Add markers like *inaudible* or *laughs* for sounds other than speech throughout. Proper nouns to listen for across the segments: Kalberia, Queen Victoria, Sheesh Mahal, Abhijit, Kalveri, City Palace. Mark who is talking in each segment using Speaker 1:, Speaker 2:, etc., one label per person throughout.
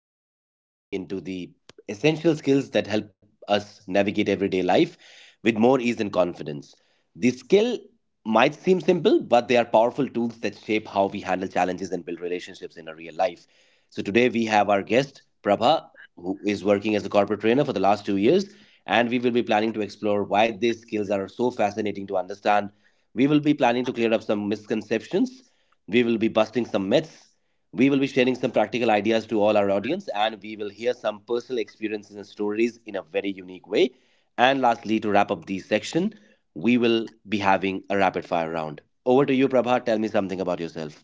Speaker 1: wherein we will be diving into the essential skills that help us navigate everyday life with more ease and confidence. These skill might seem simple, but they are powerful tools that shape how we handle challenges and build relationships in our real life. So, today we have our guest, Prabha, who is working as a corporate trainer for the last 2 years, and we will be planning to explore why these skills are so fascinating to understand we will be planning to clear up some misconceptions. We will be busting some myths. We will be sharing some practical ideas to all our audience, and we will hear some personal experiences and stories in a very unique way. And lastly, to wrap up this section, we will be having a rapid fire round. Over to you, Prabha. Tell me something about yourself.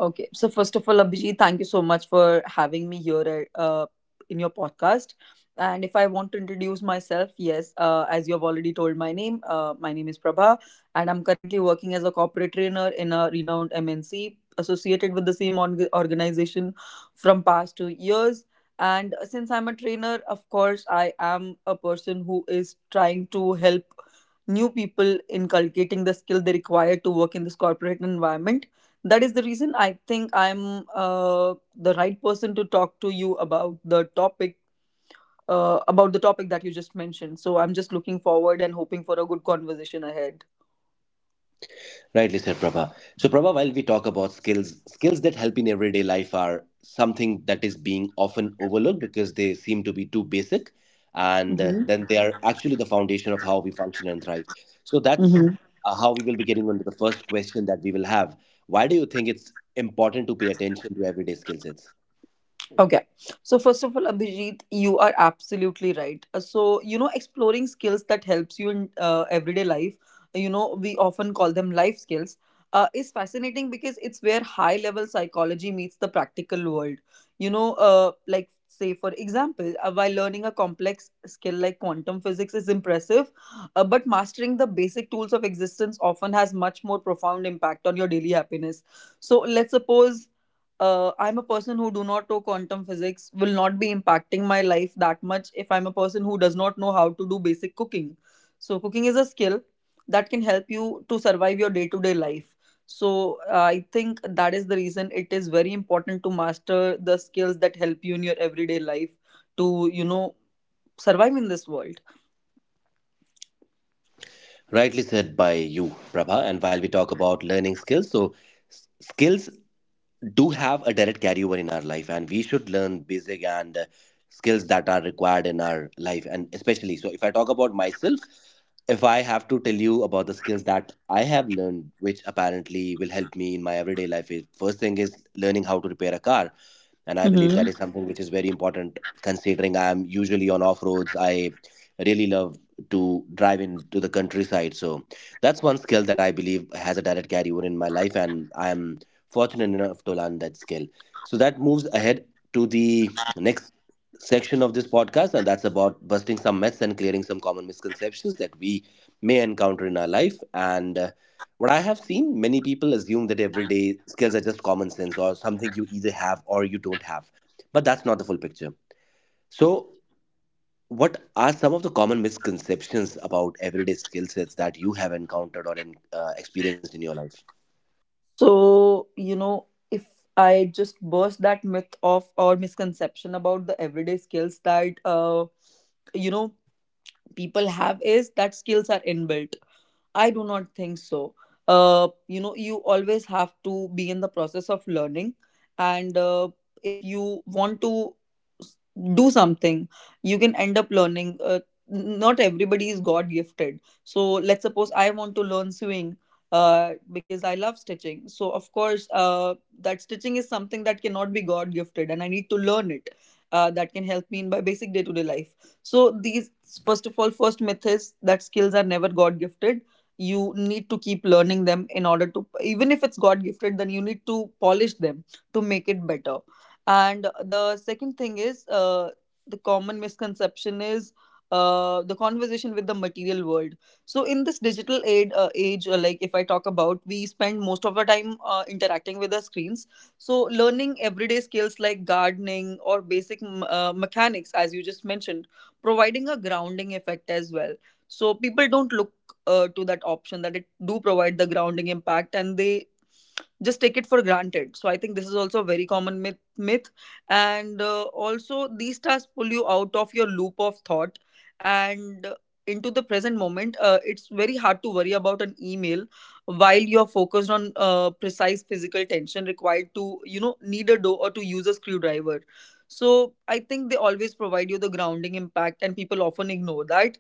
Speaker 2: Okay. So first of all, Abhijit, thank you so much for having me here at, in your podcast. And if I want to introduce myself, yes, as you have already told my name is Prabha, and I'm currently working as a corporate trainer in a renowned MNC associated with the same organization from past 2 years. And since I'm a trainer, of course, I am a person who is trying to help new people inculcating the skill they require to work in this corporate environment. That is the reason I think I'm the right person to talk to you about the topic that you just mentioned. So I'm just looking forward and hoping for a good conversation ahead.
Speaker 1: Rightly said, Prabha. So, Prabha, while we talk about skills, skills that help in everyday life are something that is being often overlooked because they seem to be too basic, and then
Speaker 2: Mm-hmm.
Speaker 1: they are actually the foundation of how we function and thrive. So, that's
Speaker 2: Mm-hmm.
Speaker 1: how we will be getting on to the first question that we will have. Why do you think it's important to pay attention to everyday skill sets?
Speaker 2: Okay. So first of all, Abhijit, you are absolutely right. So, exploring skills that helps you in everyday life, you know, we often call them life skills, is fascinating because it's where high level psychology meets the practical world. Like say for example, while learning a complex skill like quantum physics is impressive, but mastering the basic tools of existence often has much more profound impact on your daily happiness. So let's suppose I'm a person who do not know quantum physics will not be impacting my life that much if I'm a person who does not know how to do basic cooking. So cooking is a skill that can help you to survive your day to day life. So I think that is the reason it is very important to master the skills that help you in your everyday life to you know survive in this world.
Speaker 1: Rightly said by you, Prabha. And while we talk about learning skills, so skills do have a direct carryover in our life and we should learn basic and skills that are required in our life, and especially so if I talk about myself. If I have to tell you about the skills that I have learned which apparently will help me in my everyday life, is first thing is learning how to repair a car, and I believe that is something which is very important considering I am usually on off roads. I really love to drive into the countryside, so that's one skill that I believe has a direct carryover in my life, and I am fortunate enough to learn that skill. So that moves ahead to the next section of this podcast, and that's about busting some myths and clearing some common misconceptions that we may encounter in our life. And what I have seen, many people assume that everyday skills are just common sense or something you either have or you don't have. But that's not the full picture. So, what are some of the common misconceptions about everyday skill sets that you have encountered or experienced in your life?
Speaker 2: So, you know, if I just burst that myth of or misconception about the everyday skills that, you know, people have is that skills are inbuilt. I do not think so. You know, you always have to be in the process of learning, and if you want to s- do something, you can end up learning. Not everybody is God gifted. So let's suppose I want to learn sewing. Because I love stitching, so of course, that stitching is something that cannot be God gifted, and I need to learn it. That can help me in my basic day to day life. So these first of all, first myth is that skills are never God gifted. You need to keep learning them in order to, even if it's god gifted then you need to polish them to make it better. And the second thing is the common misconception is the conversation with the material world. So in this digital age, like if I talk about, we spend most of our time interacting with the screens. So learning everyday skills like gardening or basic mechanics, as you just mentioned, providing a grounding effect as well. So people don't look to that option that it do provide the grounding impact, and they just take it for granted. So I think this is also a very common myth. And also these tasks pull you out of your loop of thought and into the present moment. It's very hard to worry about an email while you're focused on precise physical tension required to you know need a door or to use a screwdriver. So I think they always provide you the grounding impact, and people often ignore that.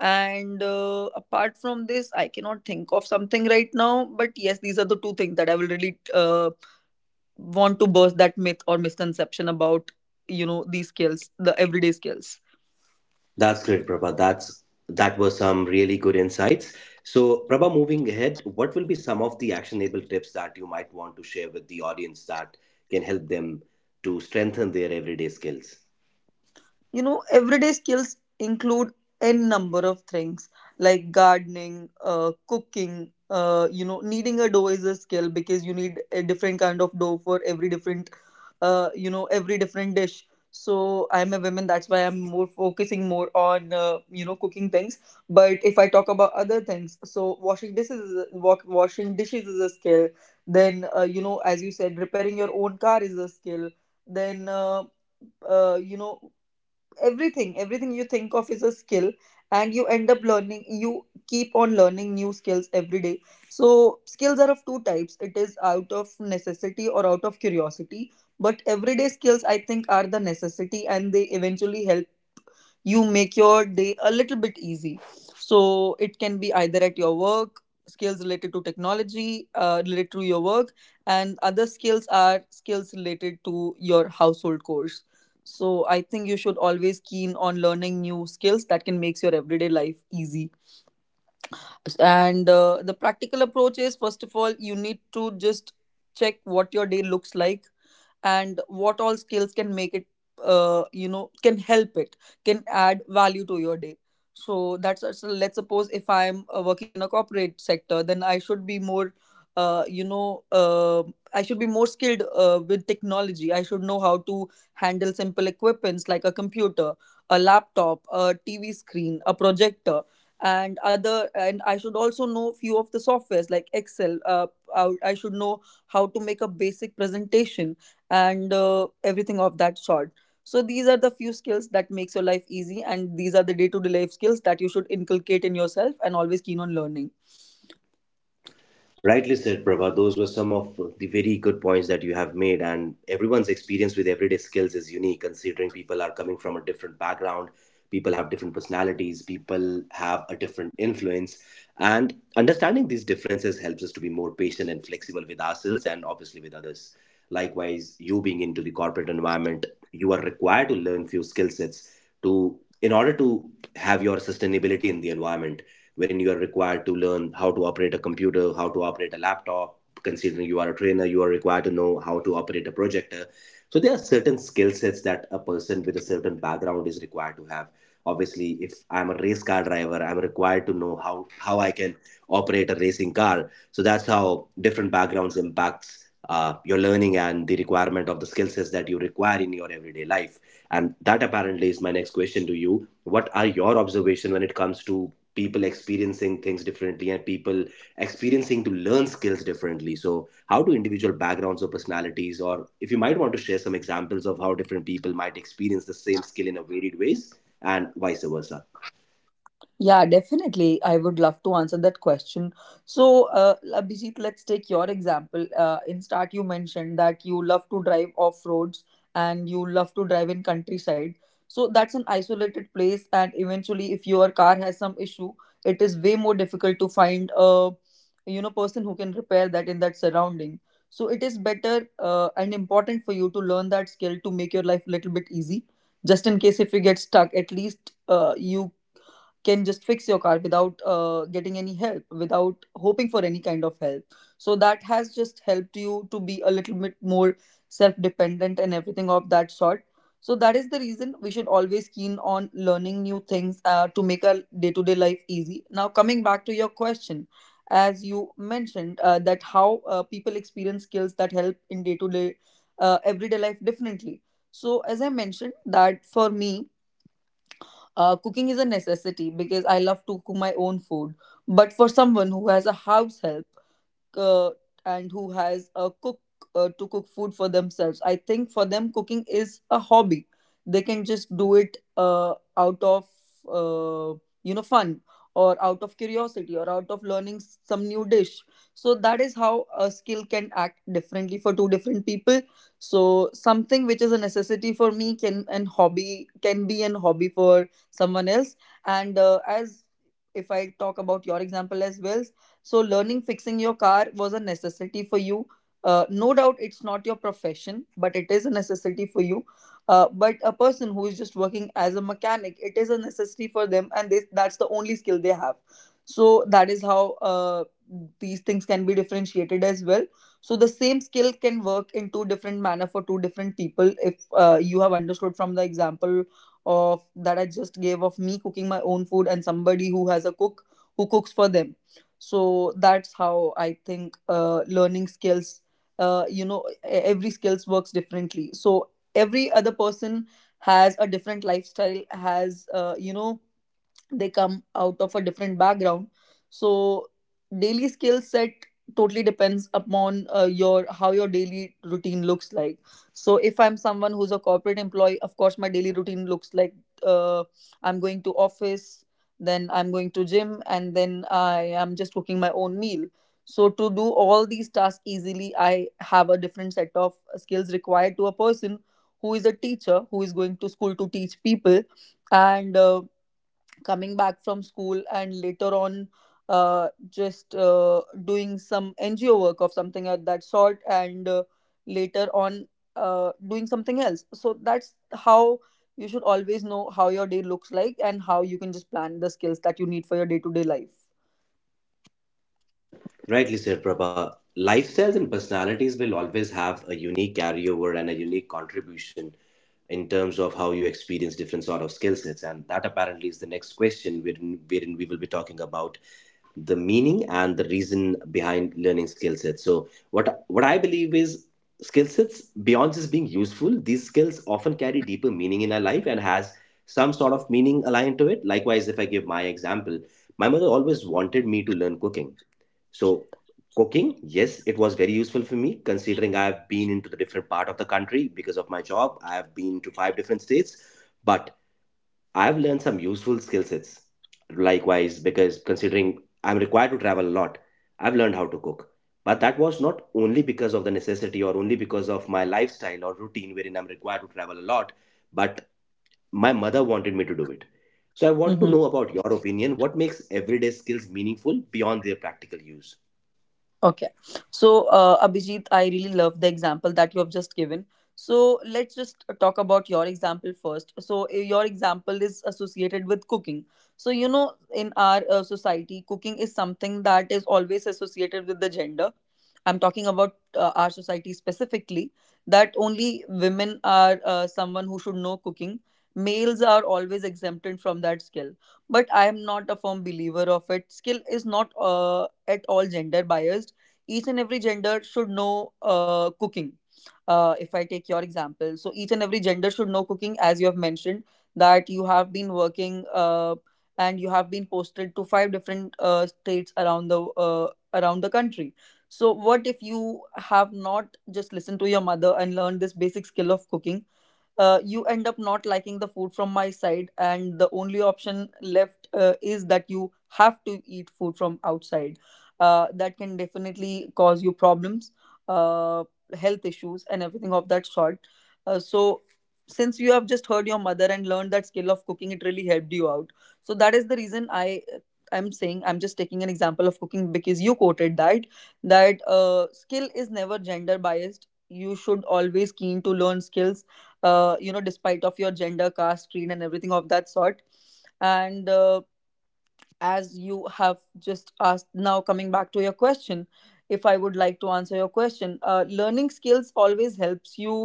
Speaker 2: And apart from this, I cannot think of something right now. But yes, these are the two things that I will really want to burst that myth or misconception about you know these skills, the everyday skills.
Speaker 1: That's great, Prabha. That was some really good insights. So, Prabha, moving ahead, what will be some of the actionable tips that you might want to share with the audience that can help them to strengthen their everyday skills?
Speaker 2: You know, everyday skills include n number of things like gardening, cooking. You know, kneading a dough is a skill because you need a different kind of dough for every different, you know, every different dish. So I'm a woman, that's why I'm more focusing more on you know cooking things. But if I talk about other things, so washing dishes, washing dishes is a skill. Then you know, as you said, repairing your own car is a skill. Then you know everything you think of is a skill, and you end up learning. You keep on learning new skills every day. So skills are of two types: it is out of necessity or out of curiosity. But everyday skills, I think, are the necessity and they eventually help you make your day a little bit easy. So it can be either at your work, skills related to technology, related to your work, and other skills are skills related to your household course. So I think you should always keen on learning new skills that can make your everyday life easy. And the practical approach is, first of all you need to just check what your day looks like and what all skills can make it you know can help it, can add value to your day. So let's suppose if I'm working in a corporate sector, then I should be more uh, you know uh, I should be more skilled with technology. I should know how to handle simple equipments like a computer, a laptop, a tv screen, a projector, and other. And I should also know few of the softwares like excel. I should know how to make a basic presentation and everything of that sort. So these are the few skills that makes your life easy, and these are the day to day life skills that you should inculcate in yourself and always keen on learning.
Speaker 1: Rightly said, Prabha. Those were some of the very good points that you have made. And everyone's experience with everyday skills is unique, considering people are coming from a different background, people have different personalities, people have a different influence. And understanding these differences helps us to be more patient and flexible with ourselves and obviously with others. Likewise, you being into the corporate environment, you are required to learn few skill sets to in order to have your sustainability in the environment wherein you are required to learn how to operate a computer, how to operate a laptop. Considering you are a trainer, you are required to know how to operate a projector. So there are certain skill sets that a person with a certain background is required to have. Obviously, if I'm a race car driver, I'm required to know how I can operate a racing car. So that's how different backgrounds impacts your learning and the requirement of the skill sets that you require in your everyday life. And that apparently is my next question to you. What are your observation when it comes to people experiencing things differently and people experiencing to learn skills differently? So how do individual backgrounds or personalities, or if you might want to share some examples of how different people might experience the same skill in a varied ways and vice versa?
Speaker 2: Yeah, definitely. I would love to answer that question. So, Abhijit, let's take your example. In start, you mentioned that you love to drive off roads and you love to drive in countryside. So that's an isolated place, and eventually, if your car has some issue, it is way more difficult to find a you know person who can repair that in that surrounding. So it is better and important for you to learn that skill to make your life a little bit easy. Just in case if you get stuck, at least you can just fix your car without getting any help, without hoping for any kind of help. So that has just helped you to be a little bit more self dependent and everything of that sort. So that is the reason we should always keen on learning new things to make our day to day life easy. Now coming back to your question, as you mentioned that how people experience skills that help in day to day everyday life differently. So as I mentioned that for me, cooking is a necessity because I love to cook my own food. But for someone who has a house help uh, and who has a cook to cook food for themselves, I think for them, cooking is a hobby. They can just do it out of uh, you know, fun or out of curiosity or out of learning some new dish. So that is how a skill can act differently for two different people. So something which is a necessity for me can be an hobby for someone else. And as if I talk about your example as well, so, learning fixing your car was a necessity for you. No doubt it's not your profession, but it is a necessity for you. But a person who is just working as a mechanic, it is a necessity for them, and they, that's the only skill they have. So, that is how these things can be differentiated as well. So, the same skill can work in two different manner for two different people if you have understood from the example of that I just gave of me cooking my own food and somebody who has a cook who cooks for them. So that's how I think learning skills, you know, every skills works differently. So every other person has a different lifestyle, has you know, they come out of a different background. So daily skill set totally depends upon your how your daily routine looks like. So if I'm someone who's a corporate employee, of course my daily routine looks like, uh, I'm going to office, then I'm going to gym, and then I am just cooking my own meal. So to do all these tasks easily, I have a different set of skills required to a person who is a teacher, who is going to school to teach people and coming back from school and later on just doing some NGO work of something of that sort, and later on doing something else. So that's how you should always know how your day looks like and how you can just plan the skills that you need for your day to day life.
Speaker 1: Rightly said, Prabha. Lifestyles and personalities will always have a unique carryover and a unique contribution in terms of how you experience different sort of skill sets. And that apparently is the next question, wherein we will be talking about the meaning and the reason behind learning skill sets. So, what I believe is skill sets beyond just being useful. These skills often carry deeper meaning in our life and has some sort of meaning aligned to it. Likewise, if I give my example, my mother always wanted me to learn cooking, so cooking, yes, it was very useful for me considering I've been into the different part of the country because of my job. I've been to 5 different states, but I've learned some useful skill sets. Likewise, because considering I'm required to travel a lot, I've learned how to cook. But that was not only because of the necessity or only because of my lifestyle or routine wherein I'm required to travel a lot, but my mother wanted me to do it. So I want to
Speaker 2: Mhm.
Speaker 1: know about your opinion. What makes everyday skills meaningful beyond their practical use?
Speaker 2: Okay. So, Abhijit, I really love the example that you have just given. So, let's just talk about your example first. So, your example is associated with cooking. So, you know, in our society, cooking is something that is always associated with the gender. I'm talking about our society specifically, that only women are someone who should know cooking. Males are always exempted from that skill, but I am not a firm believer of it. Skill is not at all gender biased. Each and every gender should know cooking. If I take your example, so each and every gender should know cooking, as you have mentioned that you have been working and you have been posted to five different states around the country. So, what if you have not just listened to your mother and learned this basic skill of cooking? You end up not liking the food from my side, and the only option left is that you have to eat food from outside. That can definitely cause you problems, uh, health issues and everything of that sort. So since you have just heard your mother and learned that skill of cooking, it really helped you out. So that is the reason I'm saying, I'm just taking an example of cooking because you quoted that skill is never gender biased, you should always keen to learn skills, you know, despite of your gender, caste, creed and everything of that sort. And as you have just asked, now coming back to your question, if I would like to answer your question, learning skills always helps you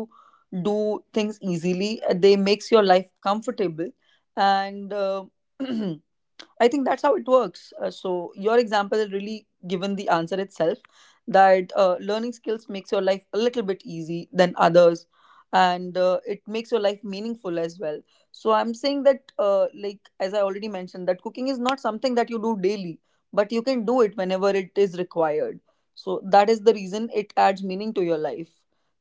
Speaker 2: do things easily. They makes your life comfortable, and *clears throat* I think that's how it works. So your example has really given the answer itself, that learning skills makes your life a little bit easy than others, and it makes your life meaningful as well. So I'm saying that, like as I already mentioned, that cooking is not something that you do daily, but you can do it whenever it is required. So that is the reason it adds meaning to your life.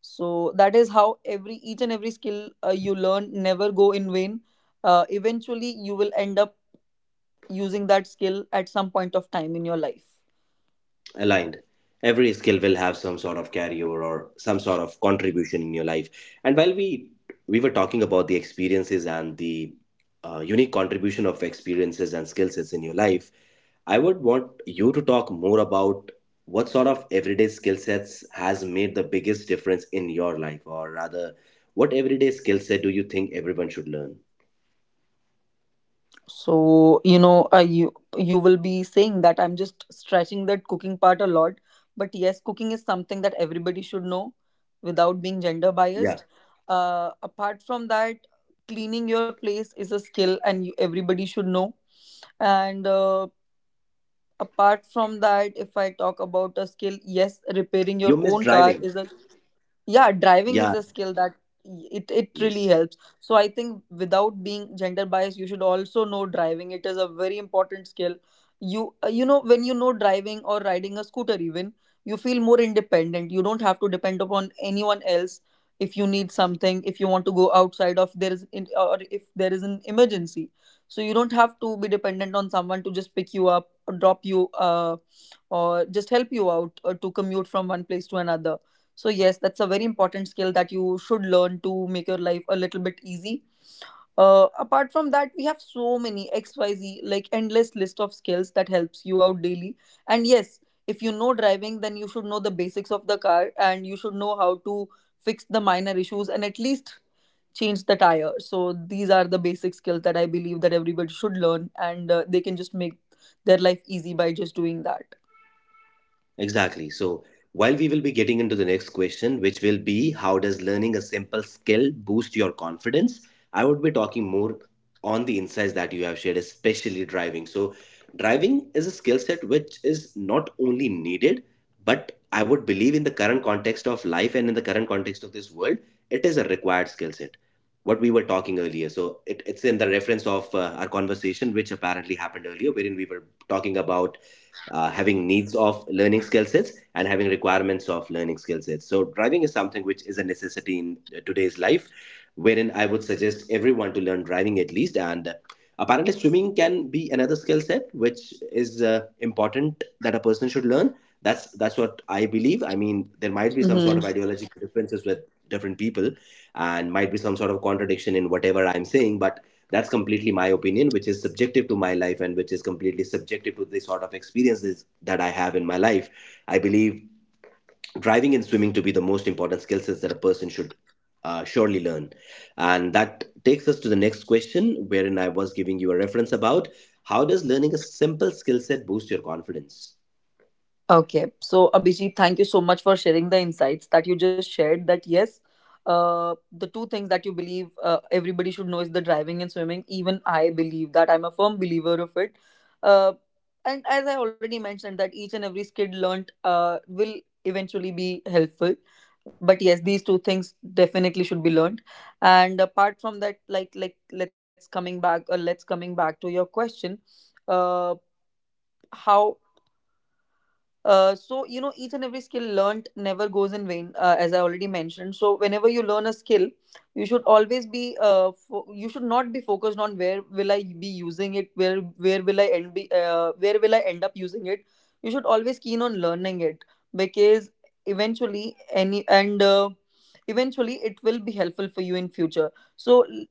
Speaker 2: So that is how every each and every skill you learn never go in vain. Eventually, you will end up using that skill at some point of time in your life.
Speaker 1: Aligned, every skill will have some sort of carryover or some sort of contribution in your life. And while we were talking about the experiences and the unique contribution of experiences and skill sets in your life, I would want you to talk more about what sort of everyday skill sets has made the biggest difference in your life, or rather what everyday skill set do you think everyone should learn?
Speaker 2: So, you know, you will be saying that I'm just stretching that cooking part a lot, but yes, cooking is something that everybody should know without being gender
Speaker 1: Yeah,
Speaker 2: biased. Apart from that, cleaning your place is a skill and everybody should know. And apart from that, if I talk about a skill, yes, repairing
Speaker 1: you
Speaker 2: your
Speaker 1: miss
Speaker 2: own car
Speaker 1: driving.
Speaker 2: is a yeah driving
Speaker 1: Yeah.
Speaker 2: is a skill that it really
Speaker 1: Yes.
Speaker 2: helps. So I think without being gender biased, you should also know driving. It is a very important skill. You know, when you know driving or riding a scooter even, you feel more independent, you don't have to depend upon anyone else. If you need something, if you want to go outside of there is in, or if there is an emergency, so you don't have to be dependent on someone to just pick you up or drop you or just help you out or to commute from one place to another. So, yes, that's a very important skill that you should learn to make your life a little bit easy. Apart from that, we have so many XYZ, like endless list of skills that helps you out daily. And yes, if you know driving, then you should know the basics of the car and you should know how to fix the minor issues and at least change the tire. So these are the basic skills that I believe that everybody should learn, and they can just make their life easy by just doing that.
Speaker 1: Exactly. So, while we will be getting into the next question, which will be how does learning a simple skill boost your confidence? I would be talking more on the insights that you have shared, especially driving. So, driving is a skill set which is not only needed, but I would believe in the current context of life and in the current context of this world, it is a required skill set. What we were talking earlier. So, it's in the reference of our conversation, which apparently happened earlier, wherein we were talking about having needs of learning skill sets and having requirements of learning skill sets. So, driving is something which is a necessity in today's life, wherein I would suggest everyone to learn driving at least. And apparently, swimming can be another skill set which is important that a person should learn. That's what I believe. I mean, there might be some sort
Speaker 2: Mhm.
Speaker 1: of ideological differences with different people, and might be some sort of contradiction in whatever I'm saying. But that's completely my opinion which is subjective to my life, and which is completely subjective to the sort of experiences that I have in my life. I believe driving and swimming to be the most important skill sets that a person should surely learn. And that takes us to the next question wherein I was giving you a reference about how does learning a simple skill set boost your confidence?
Speaker 2: Okay. So, Abhijit, thank you so much for sharing the insights that you just shared. That, yes, the two things that you believe everybody should know is the driving and swimming. Even I believe that. I'm a firm believer of it. Uh, and as I already mentioned, that each and every skill learnt will eventually be helpful. But yes, these two things definitely should be learned. And apart from that, let's coming back or let's coming back to your question, uh, how so you know each and every skill learnt never goes in vain, as I already mentioned. So whenever you learn a skill, you should always be you should not be focused on where will I be using it, where will I end be, where will I end up using it. You should always keen on learning it, because eventually any and eventually it will be helpful for you in future. So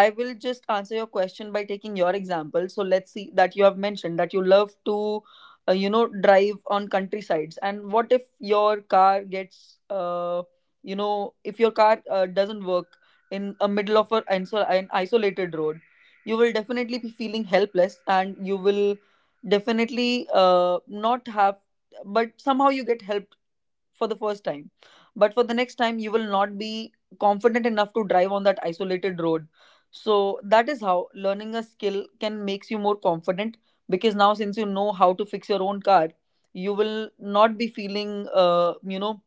Speaker 2: I will just answer your question by taking your example. So let's see that you have mentioned that you love to you know drive on countrysides, and what if your car gets you know, if your car doesn't work in a middle of a, an isolated road, you will definitely be feeling helpless, and you will definitely not have, but somehow you get help for the first time. But for the next time, you will not be confident enough to drive on that isolated road. So that is how learning a skill can makes you more confident, because now since you know how to fix your own car, you will not be feeling you know,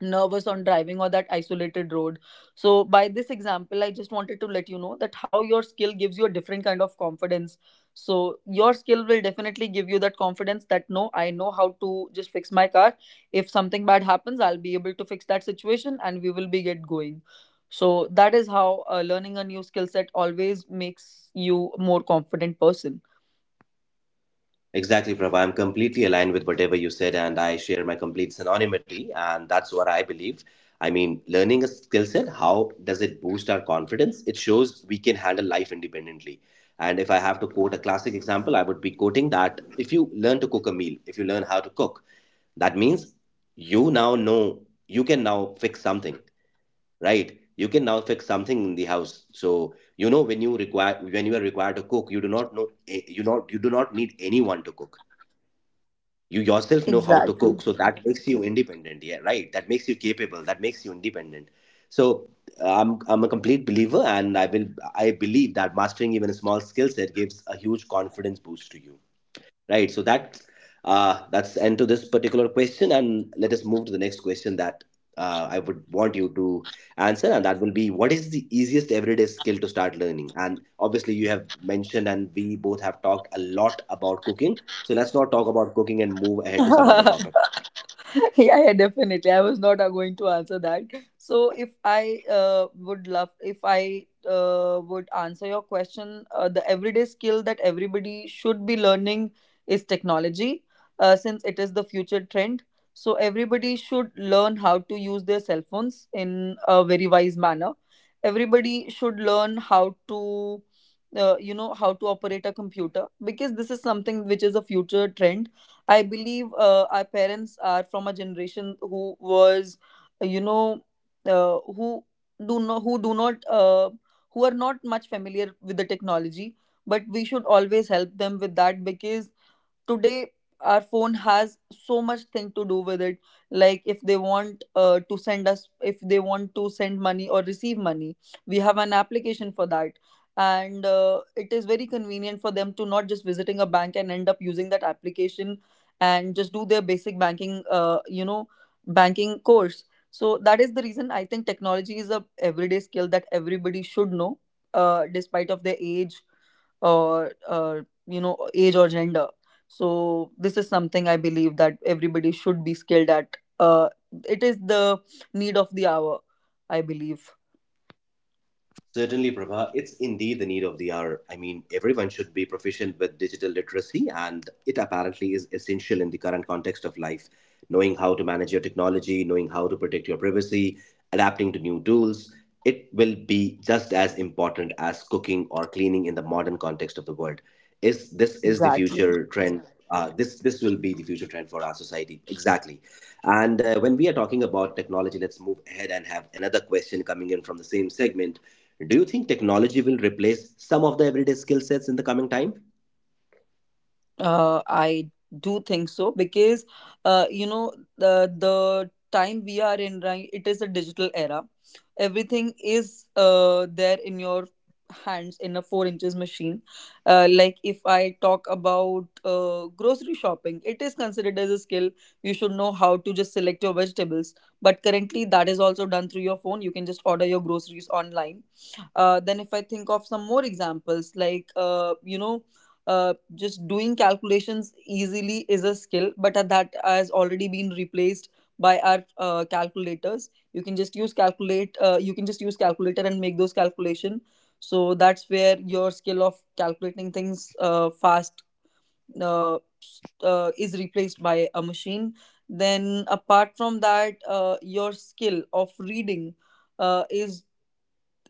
Speaker 2: nervous on driving or that isolated road. So, by this example, I just wanted to let you know that how your skill gives you a different kind of confidence. So, your skill will definitely give you that confidence that no, I know how to just fix my car. If something bad happens, I'll be able to fix that situation and we will be get going. So, that is how learning a new skill set always makes you more confident person.
Speaker 1: Exactly, Prabha. I'm completely aligned with whatever you said, and I share my complete synonymity, and that's what I believe. I mean, learning a skill set, how does it boost our confidence? It shows we can handle life independently. And if I have to quote a classic example, I would be quoting that if you learn to cook a meal, if you learn how to cook, that means you now know you can now fix something, right? You can now fix something in the house. So you know when you require when you are required to cook, you do not know you do not need anyone to cook. You yourself know how to
Speaker 2: Exactly.
Speaker 1: cook, so that makes you independent. Yeah, right, that makes you capable, that makes you independent. So I'm a complete believer, and I believe that mastering even a small skill set gives a huge confidence boost to you, right? So that that's end to this particular question, and let us move to the next question that I would want you to answer, and that will be what is the easiest everyday skill to start learning? And obviously you have mentioned, and we both have talked a lot about cooking, so let's not talk about cooking and move ahead to some other
Speaker 2: *laughs*
Speaker 1: topic.
Speaker 2: *laughs* Yeah, yeah, definitely. I was not going to answer that. So, if I would love, if I would answer your question, the everyday skill that everybody should be learning is technology, since it is the future trend. So, everybody should learn how to use their cell phones in a very wise manner. Everybody should learn how to, you know, how to operate a computer, because this is something which is a future trend. I believe our parents are from a generation who was, you know, who do not who are not much familiar with the technology. But we should always help them with that, because today our phone has so much thing to do with it. Like if they want to send us if they want to send money or receive money, we have an application for that. And it is very convenient for them to not just visiting a bank and end up using that application and just do their basic banking, you know, banking course. So that is the reason I think technology is a everyday skill that everybody should know, despite of their age, or you know, age or gender. So this is something I believe that everybody should be skilled at. It is the need of the hour, I believe.
Speaker 1: Certainly, Prabha, it's indeed the need of the hour. I mean, everyone should be proficient with digital literacy, and it apparently is essential in the current context of life. Knowing how to manage your technology, knowing how to protect your privacy, adapting to new tools, it will be just as important as cooking or cleaning in the modern context of the world. Is this is the
Speaker 2: Exactly.
Speaker 1: future trend? This will be the future trend for our society exactly. And when we are talking about technology, let's move ahead and have another question coming in from the same segment. Do you think technology will replace some of the everyday skill sets in the coming time?
Speaker 2: I do think so because you know, the time we are in right, it is a digital era. Everything is there in your hands in a four inches machine. Like if I talk about grocery shopping, it is considered as a skill. You should know how to just select your vegetables. But currently, that is also done through your phone. You can just order your groceries online. Then if I think of some more examples, like you know, just doing calculations easily is a skill, but that has already been replaced by our calculators. You can just use calculate. You can just use calculator and make those calculation. So that's where your skill of calculating things fast uh, is replaced by a machine. Then apart from that, your skill of reading is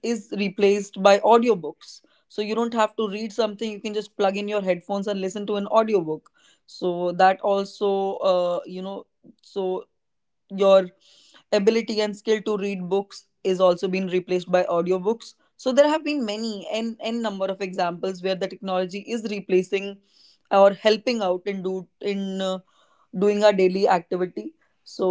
Speaker 2: replaced by audiobooks. So you don't have to read something, you can just plug in your headphones and listen to an audiobook. So that also, you know, so your ability and skill to read books is also being replaced by audiobooks. So there have been many n n number of examples where the technology is replacing or helping out in do in doing our daily activity. So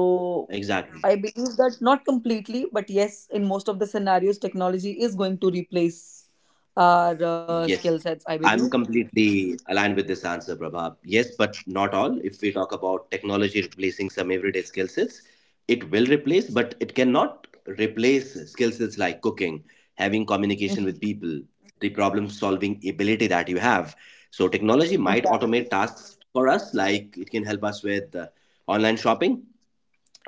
Speaker 1: Exactly.
Speaker 2: I believe that not completely, but yes, in most of the scenarios, technology is going to replace our skill
Speaker 1: Yes.
Speaker 2: sets, I believe.
Speaker 1: I'm completely aligned with this answer, Prabha. Yes, but not all. If we talk about technology replacing some everyday skill sets, it will replace, but it cannot replace skill sets like cooking, having communication with
Speaker 2: Mhm.
Speaker 1: people, the problem solving ability that you have. So, technology might
Speaker 2: Exactly.
Speaker 1: automate tasks for us, like it can help us with online shopping,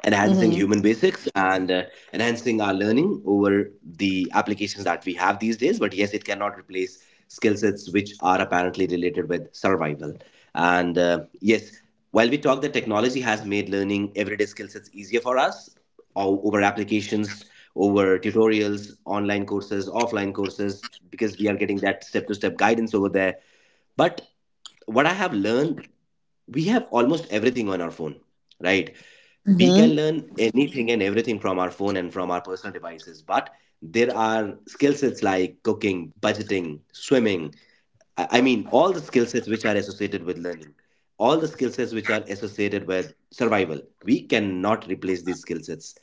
Speaker 1: enhancing human basics and enhancing our learning over the applications that we have these days. But yes, it cannot replace skill sets which are apparently related with survival. And yes, while we talk that technology has made learning everyday skill sets easier for us over applications, over tutorials, online courses, offline courses, because we are getting that step to step guidance over there. But what I have learned, we have almost everything on our phone, right? We
Speaker 2: Mm-hmm.
Speaker 1: can learn anything and everything from our phone and from our personal devices, but there are skill sets like cooking, budgeting, swimming. I mean, all the skill sets which are associated with learning, all the skill sets which are associated with survival. We cannot replace these skill sets.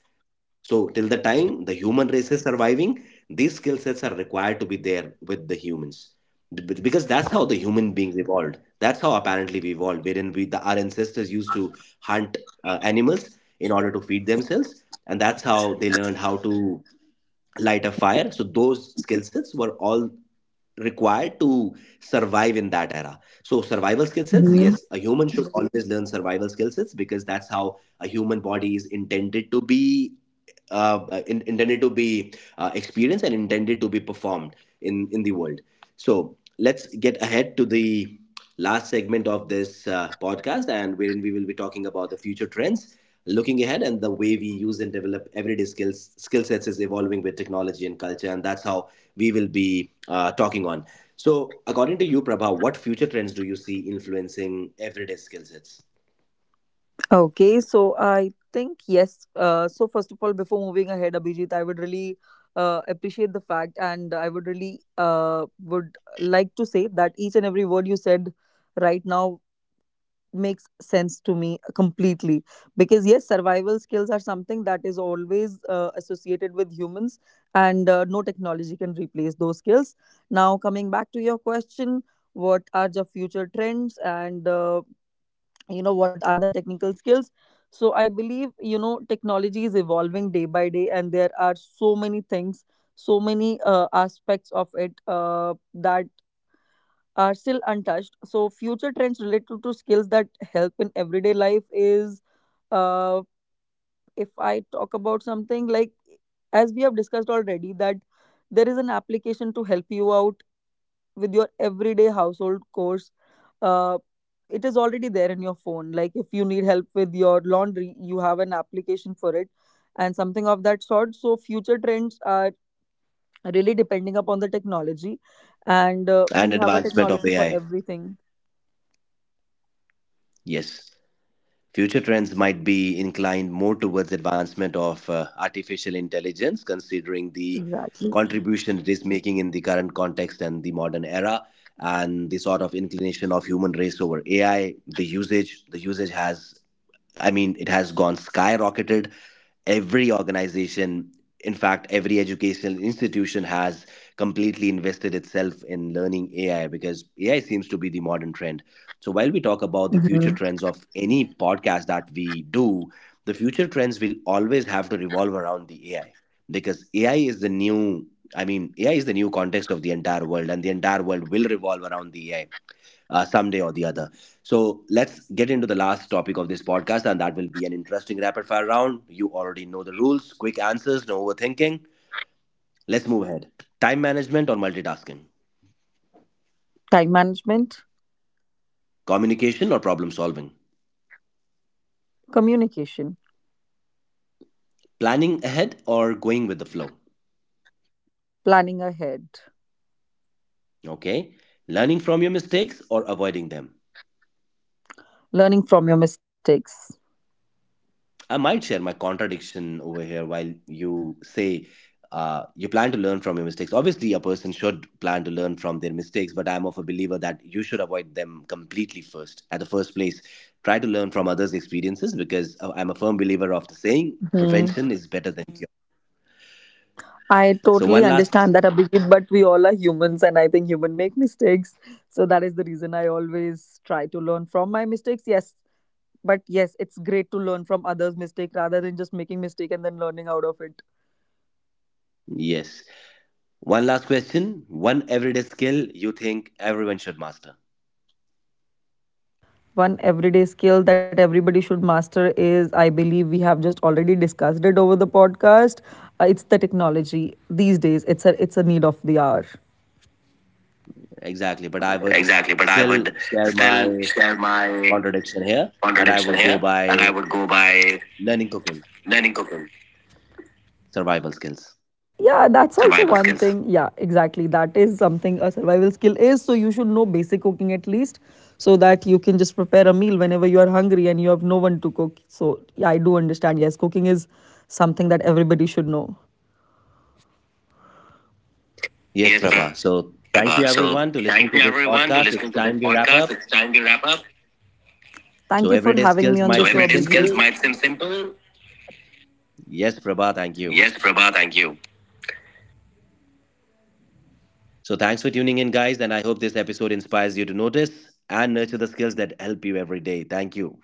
Speaker 1: So, till the time the human race is surviving, these skill sets are required to be there with the humans. Because that's how the human beings evolved. That's how apparently we evolved, wherein we, the, our ancestors used to hunt animals in order to feed themselves. And that's how they learned how to light a fire. So, those skill sets were all required to survive in that era. So survival skill sets,
Speaker 2: Mm-hmm.
Speaker 1: yes, a human should always learn survival skill sets because that's how a human body is intended to be intended to be experienced and intended to be performed in the world. So let's get ahead to the last segment of this podcast, and wherein we will be talking about the future trends. Looking ahead and the way we use and develop everyday skill sets is evolving with technology and culture, and that's how we will be talking on. So according to you, Prabha, what future trends do you see influencing everyday skill sets?
Speaker 2: Okay, so I think yes. So first of all, before moving ahead, Abhijit, I would really appreciate the fact, and I would really would like to say that each and every word you said right now makes sense to me completely. Because yes, survival skills are something that is always associated with humans, and no technology can replace those skills. Now, coming back to your question, what are the future trends, and you know, what are the technical skills. So I believe, you know, technology is evolving day by day, and there are so many things, so many aspects of it that are still untouched. So future trends related to skills that help in everyday life is uh, if I talk about something like, as we have discussed already, that there is an application to help you out with your everyday household chores. Uh, it is already there in your phone. Like if you need help with your laundry, you have an application for it, and something of that sort. So future trends are really depending upon the technology, and
Speaker 1: And
Speaker 2: we have a
Speaker 1: advancement of
Speaker 2: technology for
Speaker 1: AI.
Speaker 2: everything.
Speaker 1: Yes. Future trends might be inclined more towards advancement of artificial intelligence, considering the
Speaker 2: Exactly.
Speaker 1: contribution it is making in the current context and the modern era, and the sort of inclination of human race over AI. The usage has, I mean, it has gone skyrocketed. Every organization, in fact, every educational institution has completely invested itself in learning AI because AI seems to be the modern trend. So while we talk about the future
Speaker 2: Mhm.
Speaker 1: trends of any podcast that we do, the future trends will always have to revolve around the AI because AI is the new, I mean, AI is the new context of the entire world, and the entire world will revolve around the AI someday or the other. So let's get into the last topic of this podcast, and that will be an interesting rapid fire round. You already know the rules: quick answers, no overthinking. Let's move ahead. Time management or multitasking?
Speaker 2: Time management,
Speaker 1: Communication or problem solving?
Speaker 2: communication,
Speaker 1: Planning ahead or going with the flow?
Speaker 2: planning ahead.
Speaker 1: Okay. Learning from your mistakes or avoiding them?
Speaker 2: Learning from your mistakes.
Speaker 1: I might share my contradiction over here. While you say you plan to learn from your mistakes, obviously, a person should plan to learn from their mistakes, but I'm of a believer that you should avoid them completely first. At the first place, try to learn from others' experiences, because I'm a firm believer of the saying
Speaker 2: Hmm.
Speaker 1: prevention is better than cure.
Speaker 2: I
Speaker 1: So,
Speaker 2: totally
Speaker 1: one last,
Speaker 2: understand that, Abhijit, but we all are humans, and I think human make mistakes. So that is the reason I always try to learn from my mistakes. Yes, but yes, it's great to learn from others' mistake rather than just making mistake and then learning out of it.
Speaker 1: yes, one last question. One everyday skill you think everyone should master.
Speaker 2: One everyday skill that everybody should master is, I believe, we have just already discussed it over the podcast. It's the technology these days. It's a need of the hour.
Speaker 1: Exactly, but I would
Speaker 2: Exactly. But I
Speaker 1: still
Speaker 2: would
Speaker 1: share
Speaker 2: still
Speaker 1: my
Speaker 2: share my
Speaker 1: contradiction here and I would
Speaker 2: contradiction
Speaker 1: go
Speaker 2: here,
Speaker 1: by
Speaker 2: and I would go by
Speaker 1: learning cooking
Speaker 2: learning cooking.
Speaker 1: survival skills.
Speaker 2: Yeah, that's also one skills. Thing. Yeah, exactly. That is something, a survival skill is. So you should know basic cooking at least, so that you can just prepare a meal whenever you are hungry and you have no one to cook. So yeah, I do understand. Yes, cooking is something that everybody should know.
Speaker 1: Yes,
Speaker 2: Yes,
Speaker 1: Prabha. So thank you
Speaker 2: Prabha.
Speaker 1: everyone to
Speaker 2: So
Speaker 1: listening to
Speaker 2: thank you
Speaker 1: this
Speaker 2: everyone to
Speaker 1: podcast. It's
Speaker 2: listening to
Speaker 1: time
Speaker 2: this
Speaker 1: we wrap up.
Speaker 2: podcast. It's time to wrap up. Thank
Speaker 1: So
Speaker 2: you for
Speaker 1: everyday
Speaker 2: having
Speaker 1: skills
Speaker 2: me on the So
Speaker 1: might
Speaker 2: show,
Speaker 1: seem
Speaker 2: MIT skills
Speaker 1: simple.
Speaker 2: might seem simple.
Speaker 1: Yes, Prabha, thank you.
Speaker 2: Yes, Prabha, thank you.
Speaker 1: So thanks for tuning in, guys, and I hope this episode inspires you to notice and nurture the skills that help you every day. Thank you.